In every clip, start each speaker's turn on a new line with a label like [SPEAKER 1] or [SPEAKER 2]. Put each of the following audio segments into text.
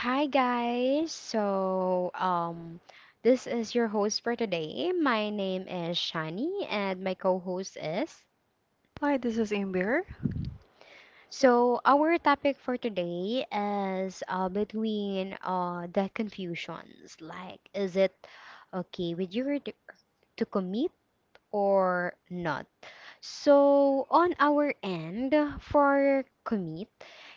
[SPEAKER 1] Hi guys. So, this is your host for today. My name is Shani and my co-host is.
[SPEAKER 2] Hi, this is Amber.
[SPEAKER 1] So, our topic for today is between the confusions. Like, is it okay with you to commit or not? So on our end for commit,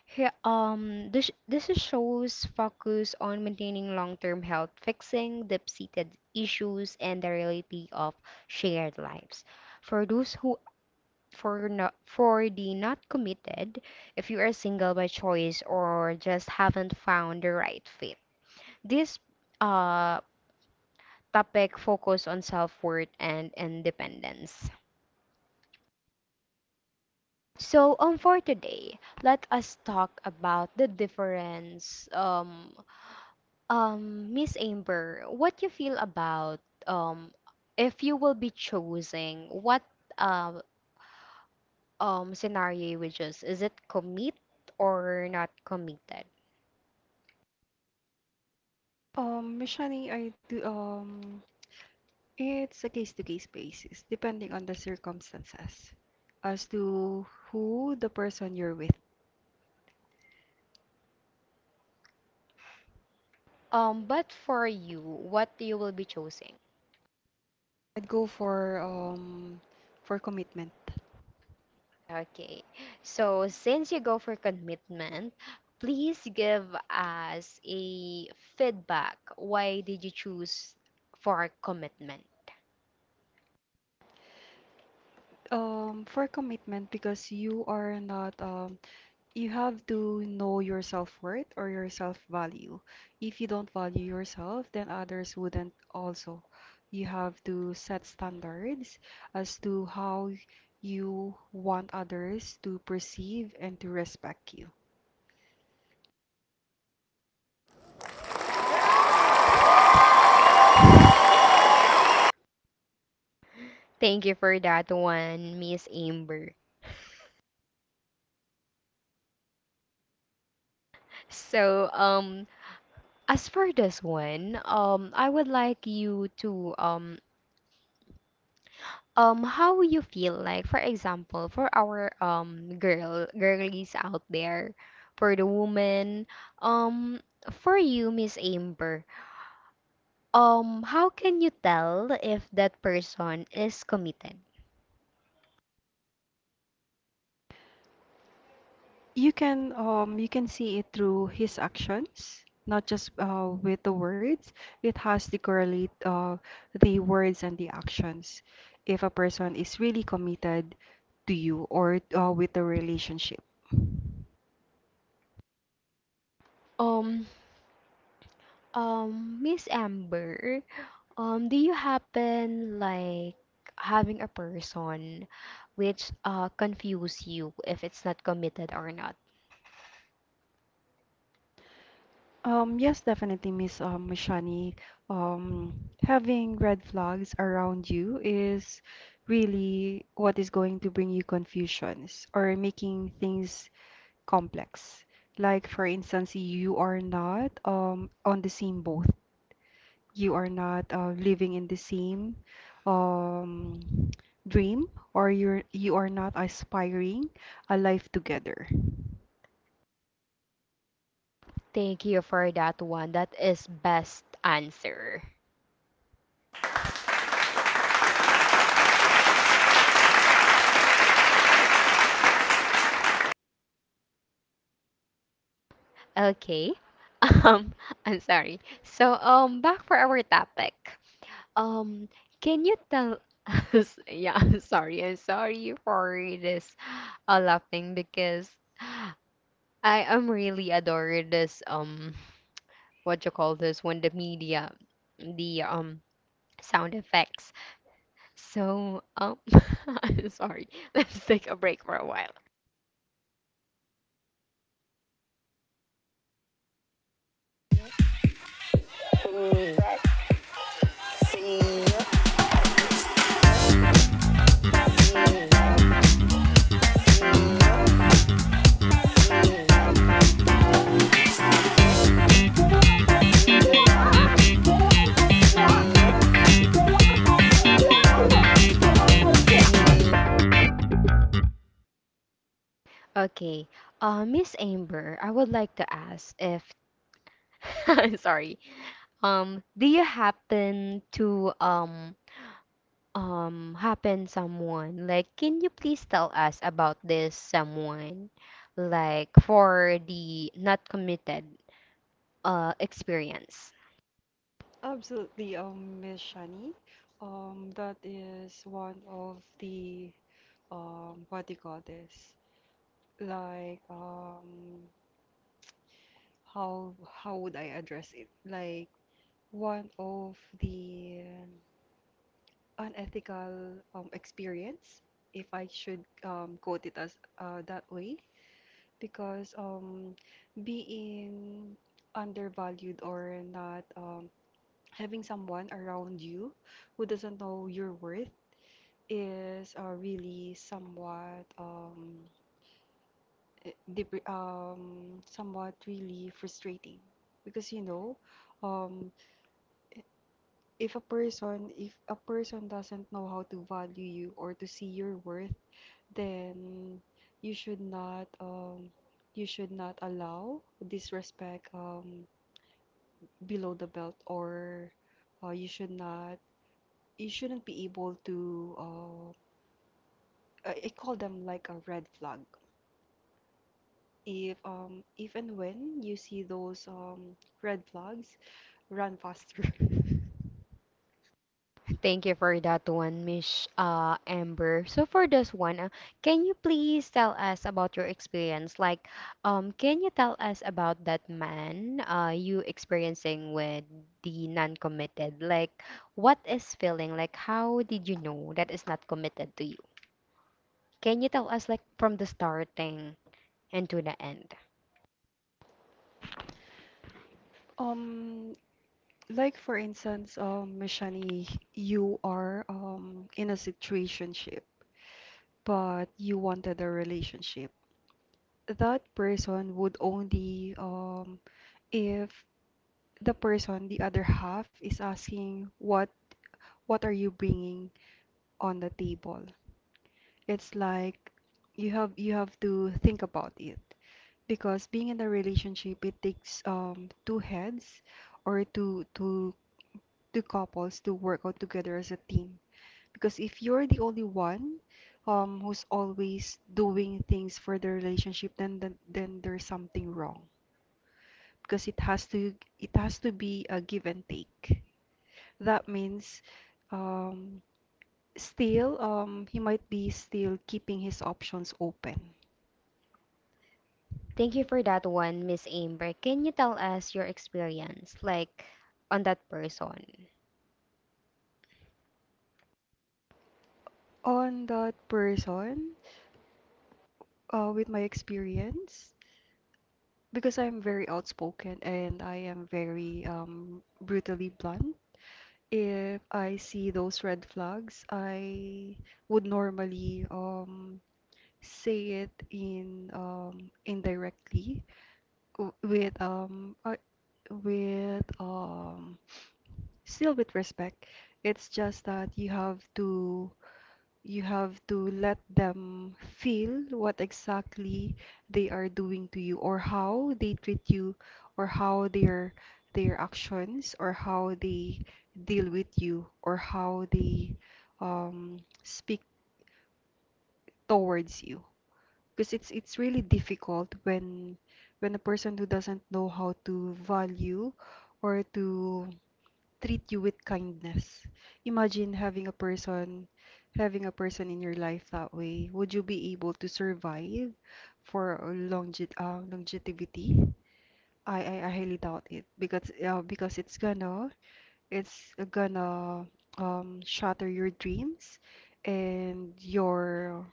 [SPEAKER 1] he- this this is shows focus on maintaining long-term health, fixing deep-seated issues, and the reality of shared lives. For those who for not for the not committed, if you are single by choice or just haven't found the right fit, this uh topic focus on self-worth and independence. So, for today, let us talk about the difference. Miss Amber, what you feel about um, if you will be choosing what uh, scenario you would choose? Is it commit or not committed?
[SPEAKER 2] Shani, I do, it's a case-to-case basis, depending on the circumstances, as to who the person you're with.
[SPEAKER 1] But for you, what you will be choosing?
[SPEAKER 2] I'd go for commitment.
[SPEAKER 1] Okay. So since you go for commitment, please give us a feedback. Why did you choose for commitment?
[SPEAKER 2] For commitment because you are not you have to know your self-worth or your self-value. If you don't value yourself, then others wouldn't also. You have to set standards as to how you want others to perceive and to respect you.
[SPEAKER 1] Thank you for that one, Miss Amber. So, as for this one, I would like you to how you feel, like, for example, for our girlies out there, for the woman, um for you, Miss Amber. How can you tell if that person is committed?
[SPEAKER 2] You can you can see it through his actions, not just with the words. It has to correlate the words and the actions if a person is really committed to you or with the relationship.
[SPEAKER 1] Um, Miss Amber, do you happen like having a person which confuse you if it's not committed or not?
[SPEAKER 2] Yes, definitely, Miss Shani. Um, having red flags around you is really what is going to bring you confusions or making things complex. Like, for instance, you are not on the same boat. You are not living in the same um, dream, or you are not aspiring a life together.
[SPEAKER 1] Thank you for that one. That is best answer. Okay. Um, I'm sorry. So, back for our topic. Um, can you tell us? Yeah, I'm sorry. I'm sorry for this laughing because I am really adore this what you call this when the media, the sound effects. So I'm sorry. Let's take a break for a while. Okay. Miss Amber, I would like to ask if I'm sorry. Do you happen to happen someone like, can you please tell us about this someone, like for the not committed experience?
[SPEAKER 2] Absolutely, Miss Shani. That is one of the what do you call this? Like, how would I address it? Like one of the unethical experience, if I should quote it as that way, because being undervalued or not having someone around you who doesn't know your worth is really somewhat somewhat really frustrating because you know um i- if a person doesn't know how to value you or to see your worth, then you should not, you should not allow disrespect, below the belt, or you should not, you shouldn't be able to I, call them like a red flag. If and when you see those red flags, run faster.
[SPEAKER 1] Thank you for that one, Miss Amber. So for this one, can you please tell us about your experience? Like, can you tell us about that man you experiencing with, the non-committed? Like, what is feeling like? How did you know that is not committed to you? Can you tell us, like, from the starting and to the end?
[SPEAKER 2] Um, like for instance, Miss Shani, you are in a situationship, but you wanted a relationship. That person would only if the person, the other half, is asking what are you bringing on the table. It's like you have, you have to think about it, because being in a relationship it takes two heads, or two couples to work out together as a team, because if you're the only one, who's always doing things for the relationship, then there's something wrong, because it has to, it has to be a give and take. That means um still, he might be still keeping his options open.
[SPEAKER 1] Thank you for that one, Miss Amber. Can you tell us your experience, like, on that person?
[SPEAKER 2] On that person, with my experience, because I'm very outspoken and I am very brutally blunt. If I see those red flags, I would normally say it in, indirectly, w- with um, uh, with still with respect. It's just that you have to, you have to let them feel what exactly they are doing to you, or how they treat you, or how their actions, or how they deal with you, or how they speak towards you. Because it's really difficult when a person who doesn't know how to value or to treat you with kindness. Imagine having a person in your life that way. Would you be able to survive for longevity? I highly doubt it because it's gonna shatter your dreams and your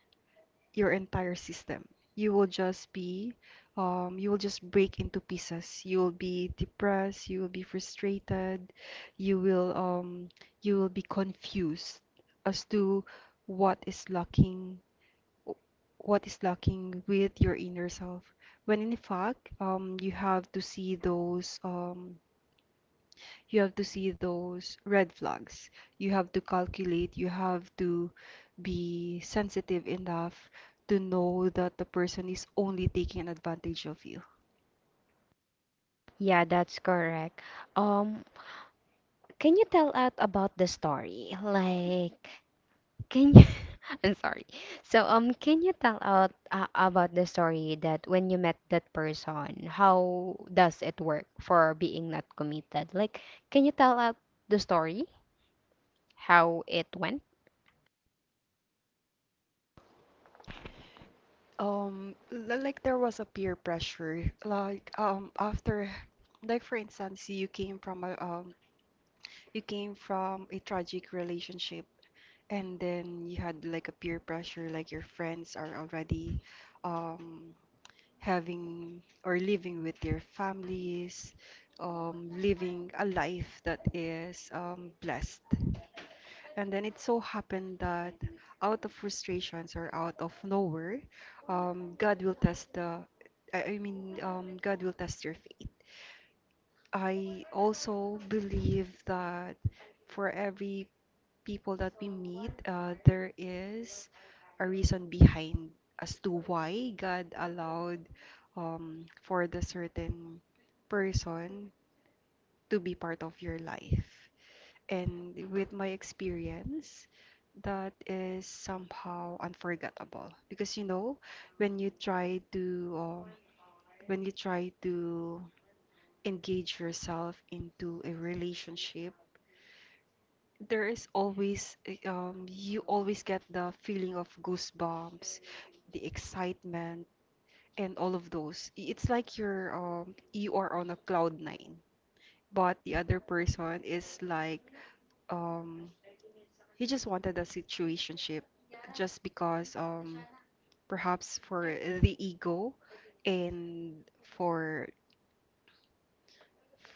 [SPEAKER 2] your entire system. You will just be, you will just break into pieces. You will be depressed. You will be frustrated. You will, um, you will be confused as to what is lacking, what is lacking with your inner self. When in fact, you have to see those, you have to see those red flags. You have to calculate, you have to be sensitive enough to know that the person is only taking advantage of you.
[SPEAKER 1] Yeah, that's correct. Um, can you tell us about the story? Like, can you I'm sorry. So, can you tell out about the story, that when you met that person, how does it work for being not committed? Like, can you tell out the story, how it went?
[SPEAKER 2] Like there was a peer pressure, like after, like for instance, you came from a you came from a tragic relationship, and then you had like a peer pressure, like your friends are already um having or living with their families, living a life that is blessed. And then it so happened that out of frustrations or out of nowhere, God will test the, God will test your faith. I also believe that for every people that we meet, there is a reason behind as to why God allowed for the certain person to be part of your life. And with my experience, that is somehow unforgettable because you know when you try to when you try to engage yourself into a relationship, there is always you always get the feeling of goosebumps, the excitement, and all of those. It's like you are on a cloud nine, but the other person is like um, he just wanted a situationship, just because perhaps for the ego, and for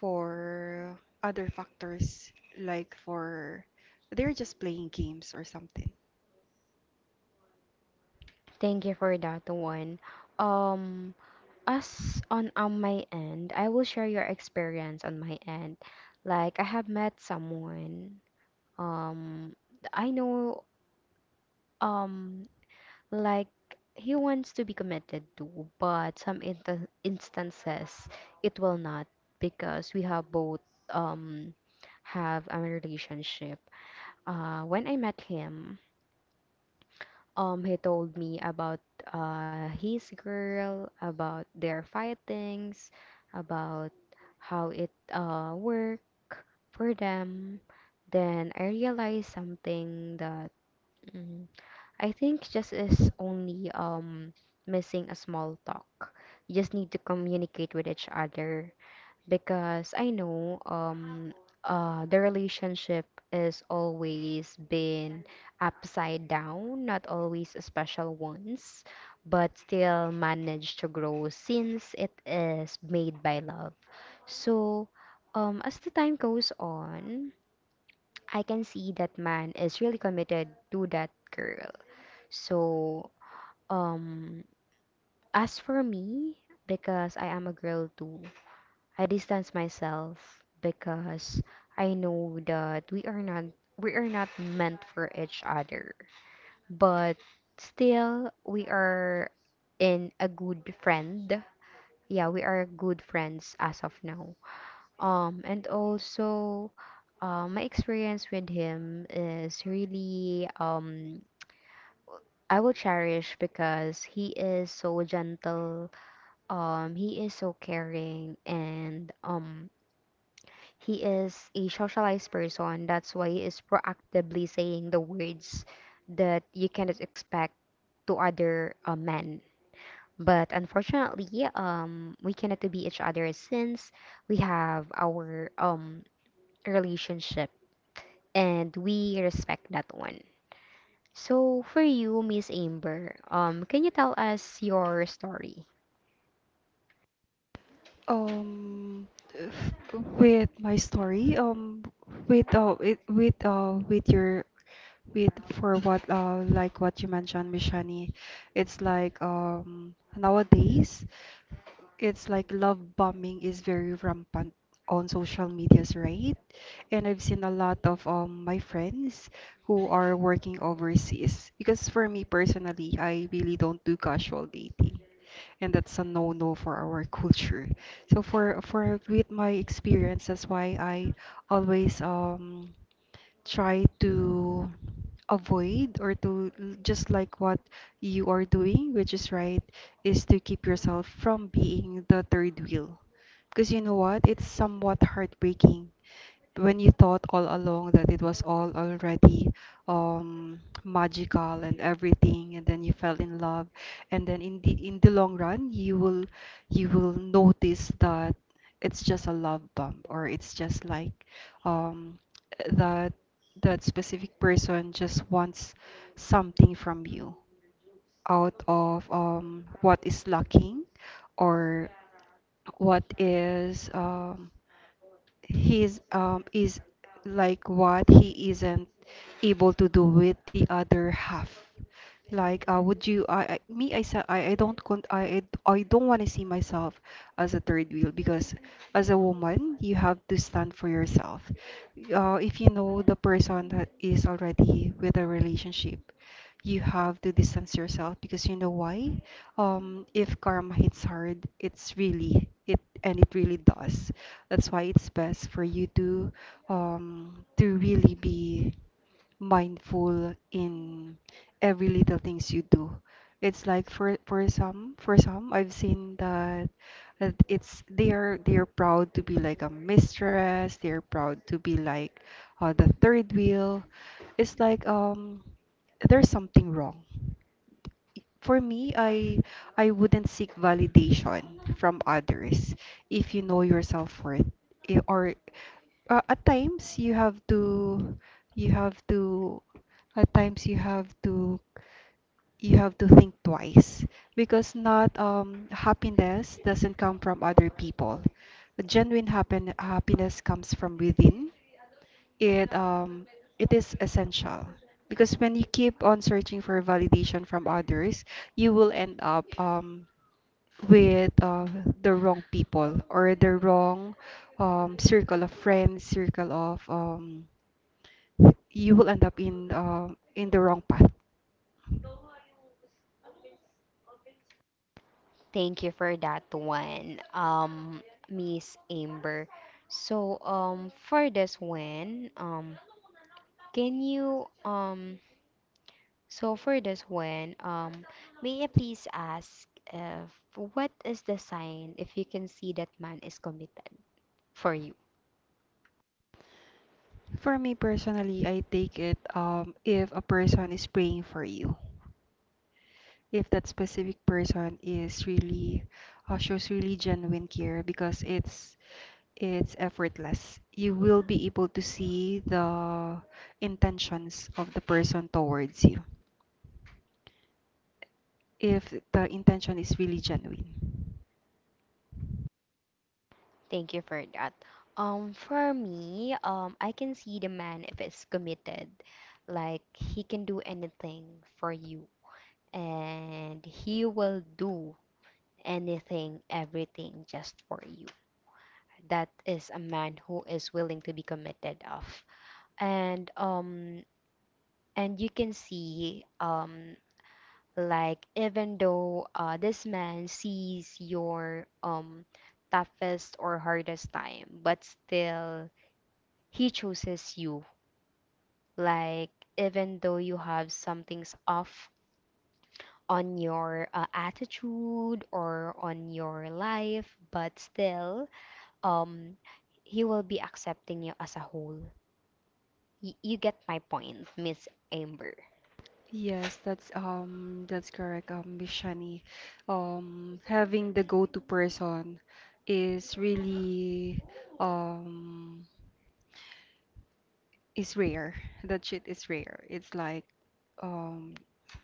[SPEAKER 2] for other factors, like for, they're just playing games or something.
[SPEAKER 1] Thank you for that one. Um, as on my end, I will share your experience on my end. Like, I have met someone. Um, I know. Um, like, he wants to be committed to, but some instances it will not, because we have both um have a relationship. When I met him. He told me about his girl, about their fightings, about how it work for them. Then I realized something that, mm, I think just is only missing a small talk. You just need to communicate with each other, because I know the relationship is always been upside down, not always special ones, but still managed to grow since it is made by love. So, as the time goes on, I can see that man is really committed to that girl. So, um as for me, because I am a girl too, I distance myself because I know that we are not meant for each other. But still we are in a good friend. Yeah, we are good friends as of now. And also, my experience with him is really I will cherish, because he is so gentle. Um, he is so caring, and he is a socialized person. That's why he is proactively saying the words that you cannot expect to other men. But unfortunately, we cannot to be each other, since we have our relationship and we respect that one. So for you, Miss Amber, can you tell us your story?
[SPEAKER 2] Um, f- with my story, with with your, with for what like what you mentioned, Mishani, it's like nowadays it's like love bombing is very rampant on social medias, right? And I've seen a lot of my friends who are working overseas, because for me personally, I really don't do casual dating. And that's a no-no for our culture. So for with my experience, that's why I always try to avoid or to just like what you are doing, which is right, is to keep yourself from being the third wheel. Because you know what? It's somewhat heartbreaking when you thought all along that it was all already magical and everything, and then you fell in love, and then in the, in the long run, you will, you will notice that it's just a love bump, or it's just like um, that, that specific person just wants something from you out of what is lacking, or what is He's is like what he isn't able to do with the other half. Like would you, I me I sa- I don't I don't want to see myself as a third wheel, because as a woman you have to stand for yourself. If you know the person that is already with a relationship, you have to distance yourself, because you know why, if karma hits hard, it's really, it, and it really does. That's why it's best for you to really be mindful in every little things you do. It's like for some I've seen that, that it's, they are proud to be like a mistress, they're proud to be like the third wheel. It's like there's something wrong. For me, I wouldn't seek validation from others if you know your self-worth. Or at times you have to, you have to at times you have to, you have to think twice, because not happiness doesn't come from other people. Genuine happen happiness comes from within. it um it is essential, because when you keep on searching for validation from others, you will end up with the wrong people, or the wrong circle of friends, circle of you will end up in the wrong path.
[SPEAKER 1] Thank you for that one, Miss Amber. So, for this one, can you, so for this one, may I please ask, if what is the sign if you can see that man is committed for you?
[SPEAKER 2] For me personally, I take it if a person is praying for you. If that specific person is really shows really genuine care, because it's effortless. You will be able to see the intentions of the person towards you if the intention is really genuine.
[SPEAKER 1] Thank you for that. For me, I can see the man if it's committed, like he can do anything for you, and he will do anything, everything, just for you. That is a man who is willing to be committed of. And you can see like, even though this man sees your toughest or hardest time, but still he chooses you. Like, even though you have some things off on your attitude or on your life, but still, um, he will be accepting you as a whole. You get my point, Miss Amber.
[SPEAKER 2] Yes, that's that's correct, Miss Shani. Having the go-to person is really um is rare. That shit is rare. It's like um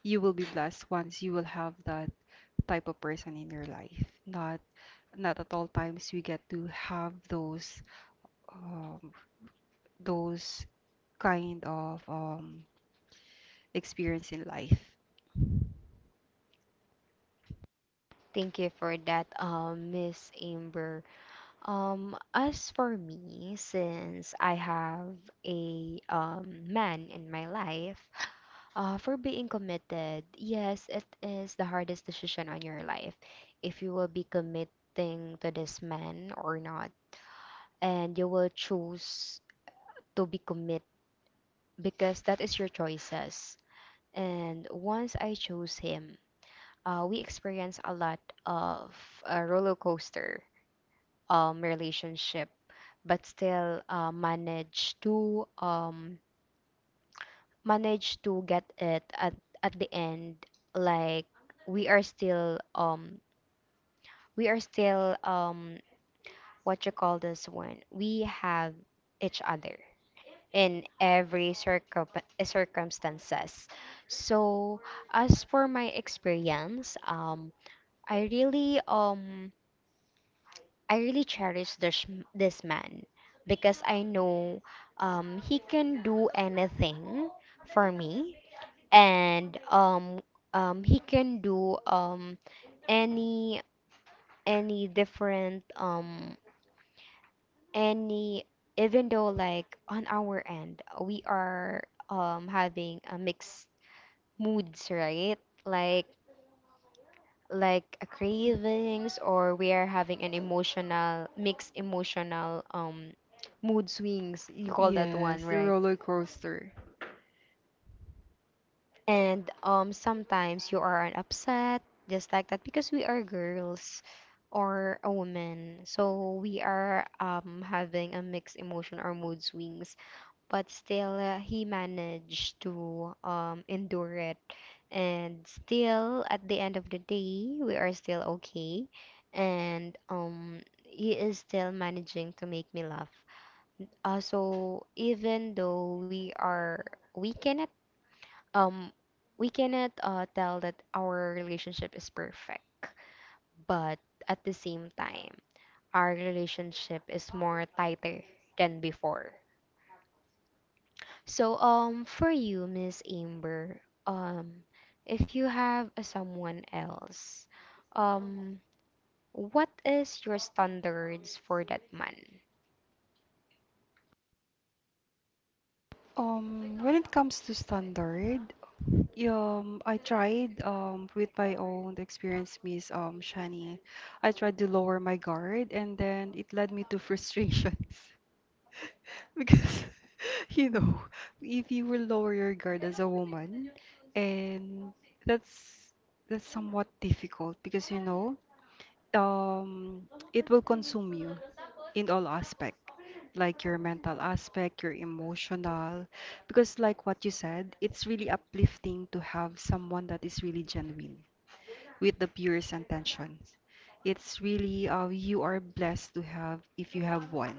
[SPEAKER 2] you will be blessed once you will have that type of person in your life. Not, not at all times we get to have um those kind of experience in life.
[SPEAKER 1] Thank you for that, Miss Amber. As for me, since I have a man in my life, for being committed, yes, it is the hardest decision on your life. If you will be committing to this man or not, and you will choose to be commit, because that is your choices. And once I chose him, we experienced a lot of a roller coaster relationship, but still managed to get it at the end. Like, we are still um, we are still, what you call this one. We have each other in every circumstances. So, as for my experience, I really, I really cherish this, this man, because I know he can do anything for me, and he can do any any different um any even though, like, on our end we are having a mixed moods, right? like like a cravings, or we are having an emotional, mixed emotional, mood swings, you call that one,
[SPEAKER 2] Yes, the
[SPEAKER 1] right?
[SPEAKER 2] roller coaster.
[SPEAKER 1] And, um, sometimes you are upset, just like that, because we are girls or a woman, so we are, um, having a mixed emotion or mood swings, but still he managed to, endure it. And still, at the end of the day, we are still okay, and, he is still managing to make me laugh. So even though we are, we cannot, um, we cannot, tell that our relationship is perfect, but at the same time, our relationship is more tighter than before. So, for you, Miss Amber, um, if you have a someone else, um, what is your standards for that man?
[SPEAKER 2] When it comes to standard, yeah, I tried with my own experience, Miss Shani. I tried to lower my guard, and then it led me to frustrations because, you know, if you will lower your guard as a woman, and that's that's somewhat difficult, because you know um, it will consume you in all aspect, like your mental aspect, your emotional, because like what you said, it's really uplifting to have someone that is really genuine with the purest intentions. It's really you are blessed to have if you have one.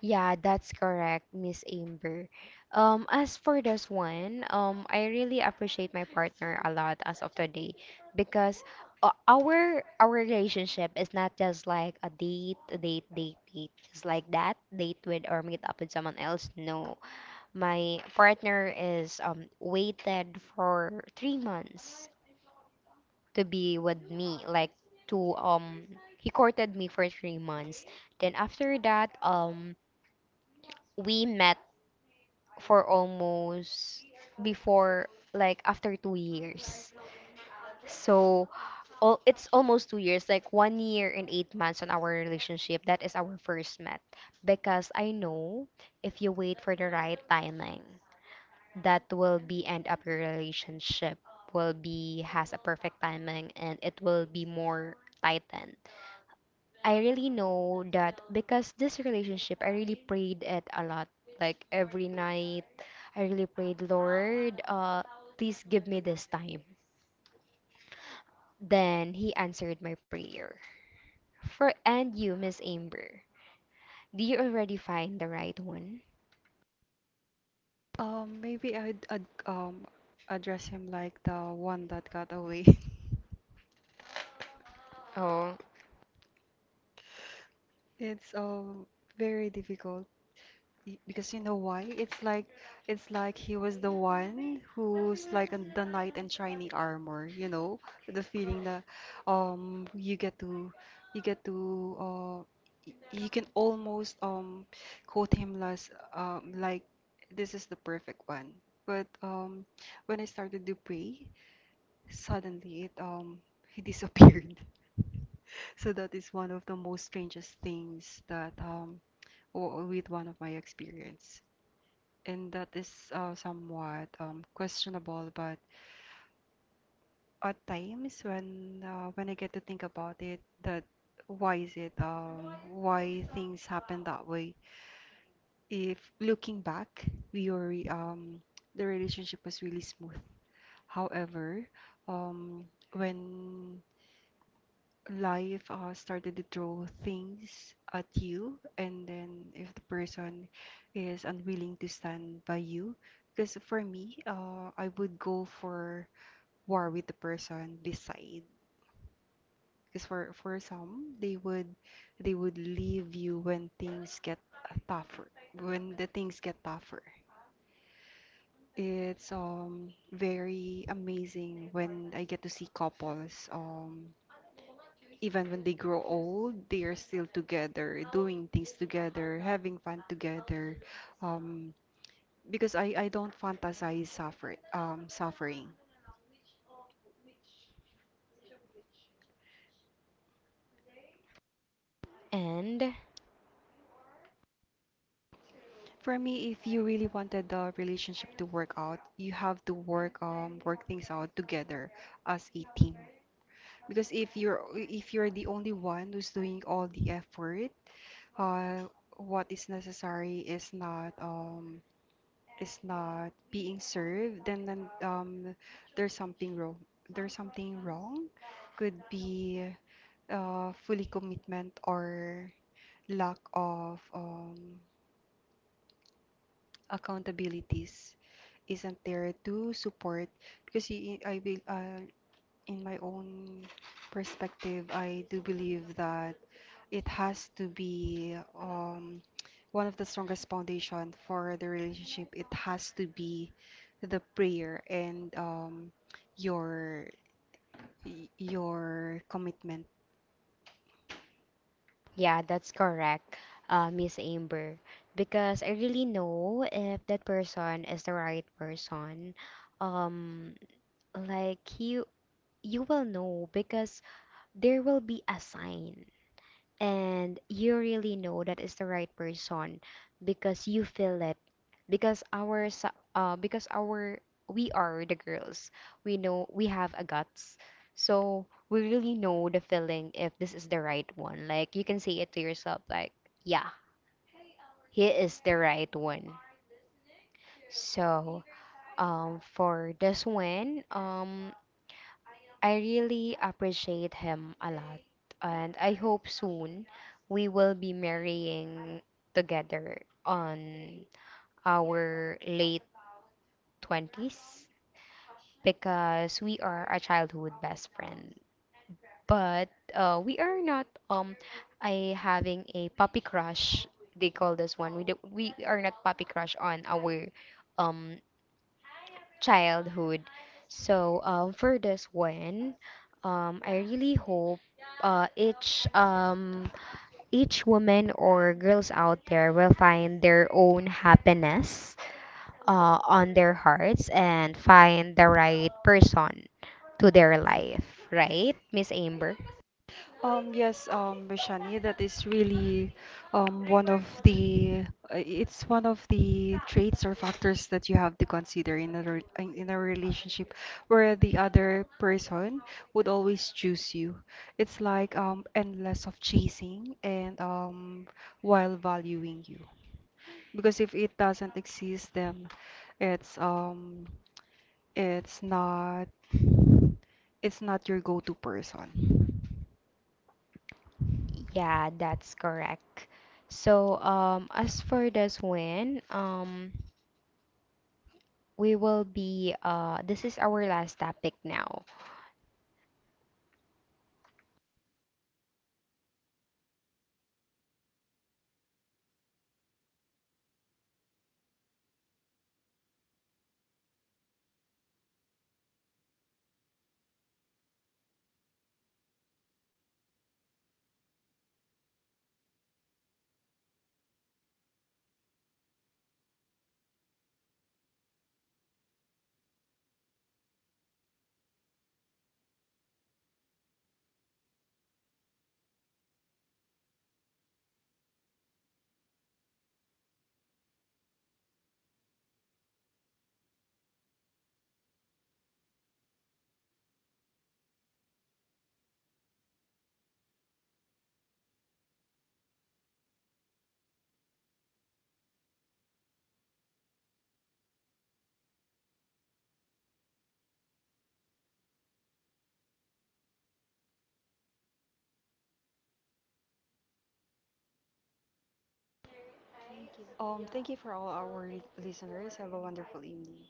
[SPEAKER 1] Yeah, that's correct, Miss Amber. As for this one, I really appreciate my partner a lot as of today, because our relationship is not just like a date, date, date, date, just like that, date with or meet up with someone else. No, my partner is, um, waited for 3 months to be with me, like, to he courted me for 3 months. Then after that, um, we met for almost before, like, after 2 years. So all it's almost 2 years, like one year and 8 months on our relationship. That is our first met, because I know, if you wait for the right timing, that will be end up your relationship will be has a perfect timing, and it will be more tightened. I really know that because this relationship, I really prayed it a lot. Like every night, I really prayed, Lord, please give me this time. Then he answered my prayer. For, and you, Miss Amber, do you already find the right one?
[SPEAKER 2] Maybe I'd, ad address him like the one that got away.
[SPEAKER 1] Oh,
[SPEAKER 2] It's Very difficult. Because you know why? It's like, it's like he was the one who's like on the knight in shiny armor, you know? The feeling that you get to, you get to uh you can almost quote him as like this is the perfect one. But when I started to pray, suddenly it he disappeared. So that is one of the most strangest things, that with one of my experience, and that is somewhat questionable. But at times when I get to think about it, that why is it, why things happen that way? If looking back, we were the relationship was really smooth. However, um, when life started to throw things at you, and then if the person is unwilling to stand by you, because for me I would go for war with the person decide, because for some they would, they would leave you when things get tougher. When the things get tougher, it's very amazing when I get to see couples even when they grow old, they are still together, doing things together, having fun together. Um, because I don't fantasize suffer, suffering.
[SPEAKER 1] and
[SPEAKER 2] For me, if you really wanted the relationship to work out, you have to work, work things out together as a team. Because if you're the only one who's doing all the effort, uh, what is necessary is not, is not being served, then there's something wrong. There's something wrong. Could be fully commitment, or lack of accountabilities isn't there to support, because I will in my own perspective I do believe that it has to be one of the strongest foundation for the relationship. It has to be the prayer and your, your commitment.
[SPEAKER 1] yeah, that's correct, Miss Amber. Because I really know if that person is the right person. Um, like you, you will know, because there will be a sign, and you really know that is the right person, because you feel it, because our sa- because our we are the girls. We know, we have a guts, so we really know the feeling if this is the right one. Like, you can say it to yourself, like, yeah, he is the right one. So, um, for this one, um, I really appreciate him a lot, and I hope soon we will be marrying together on our late 20s, because we are a childhood best friend. But, we are not, um, I having a puppy crush. They call this one. We do, we are not puppy crush on our um childhood. So, for this one, I really hope, uh, each um, each woman or girls out there will find their own happiness on their hearts, and find the right person to their life. Right, Miss Amber?
[SPEAKER 2] Yes, Vishani, that is really one of the it's one of the traits or factors that you have to consider in a in a relationship where the other person would always choose you. It's like endless of chasing and while valuing you, because if it doesn't exist, then it's um it's not, it's not your go-to person. Thank you for all our listeners. Have a wonderful evening.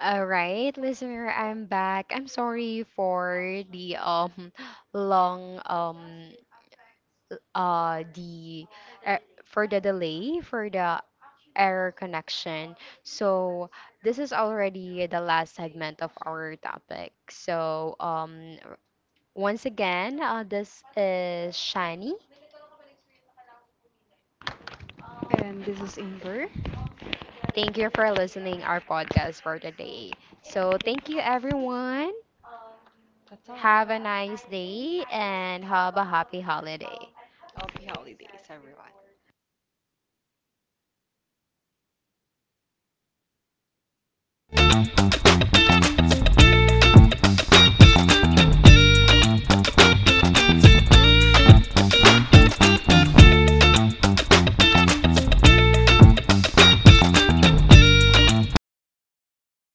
[SPEAKER 1] All right, listener, I'm back. I'm sorry for the long, the for the delay, for the error connection. So, this is already the last segment of our topic. So, once again, this is Shani.
[SPEAKER 2] And this is Amber.
[SPEAKER 1] Thank you for listening our podcast for today. So, thank you everyone.
[SPEAKER 2] Ta-ta.
[SPEAKER 1] Have a nice day, and have a happy holiday.
[SPEAKER 2] Happy holidays, everyone.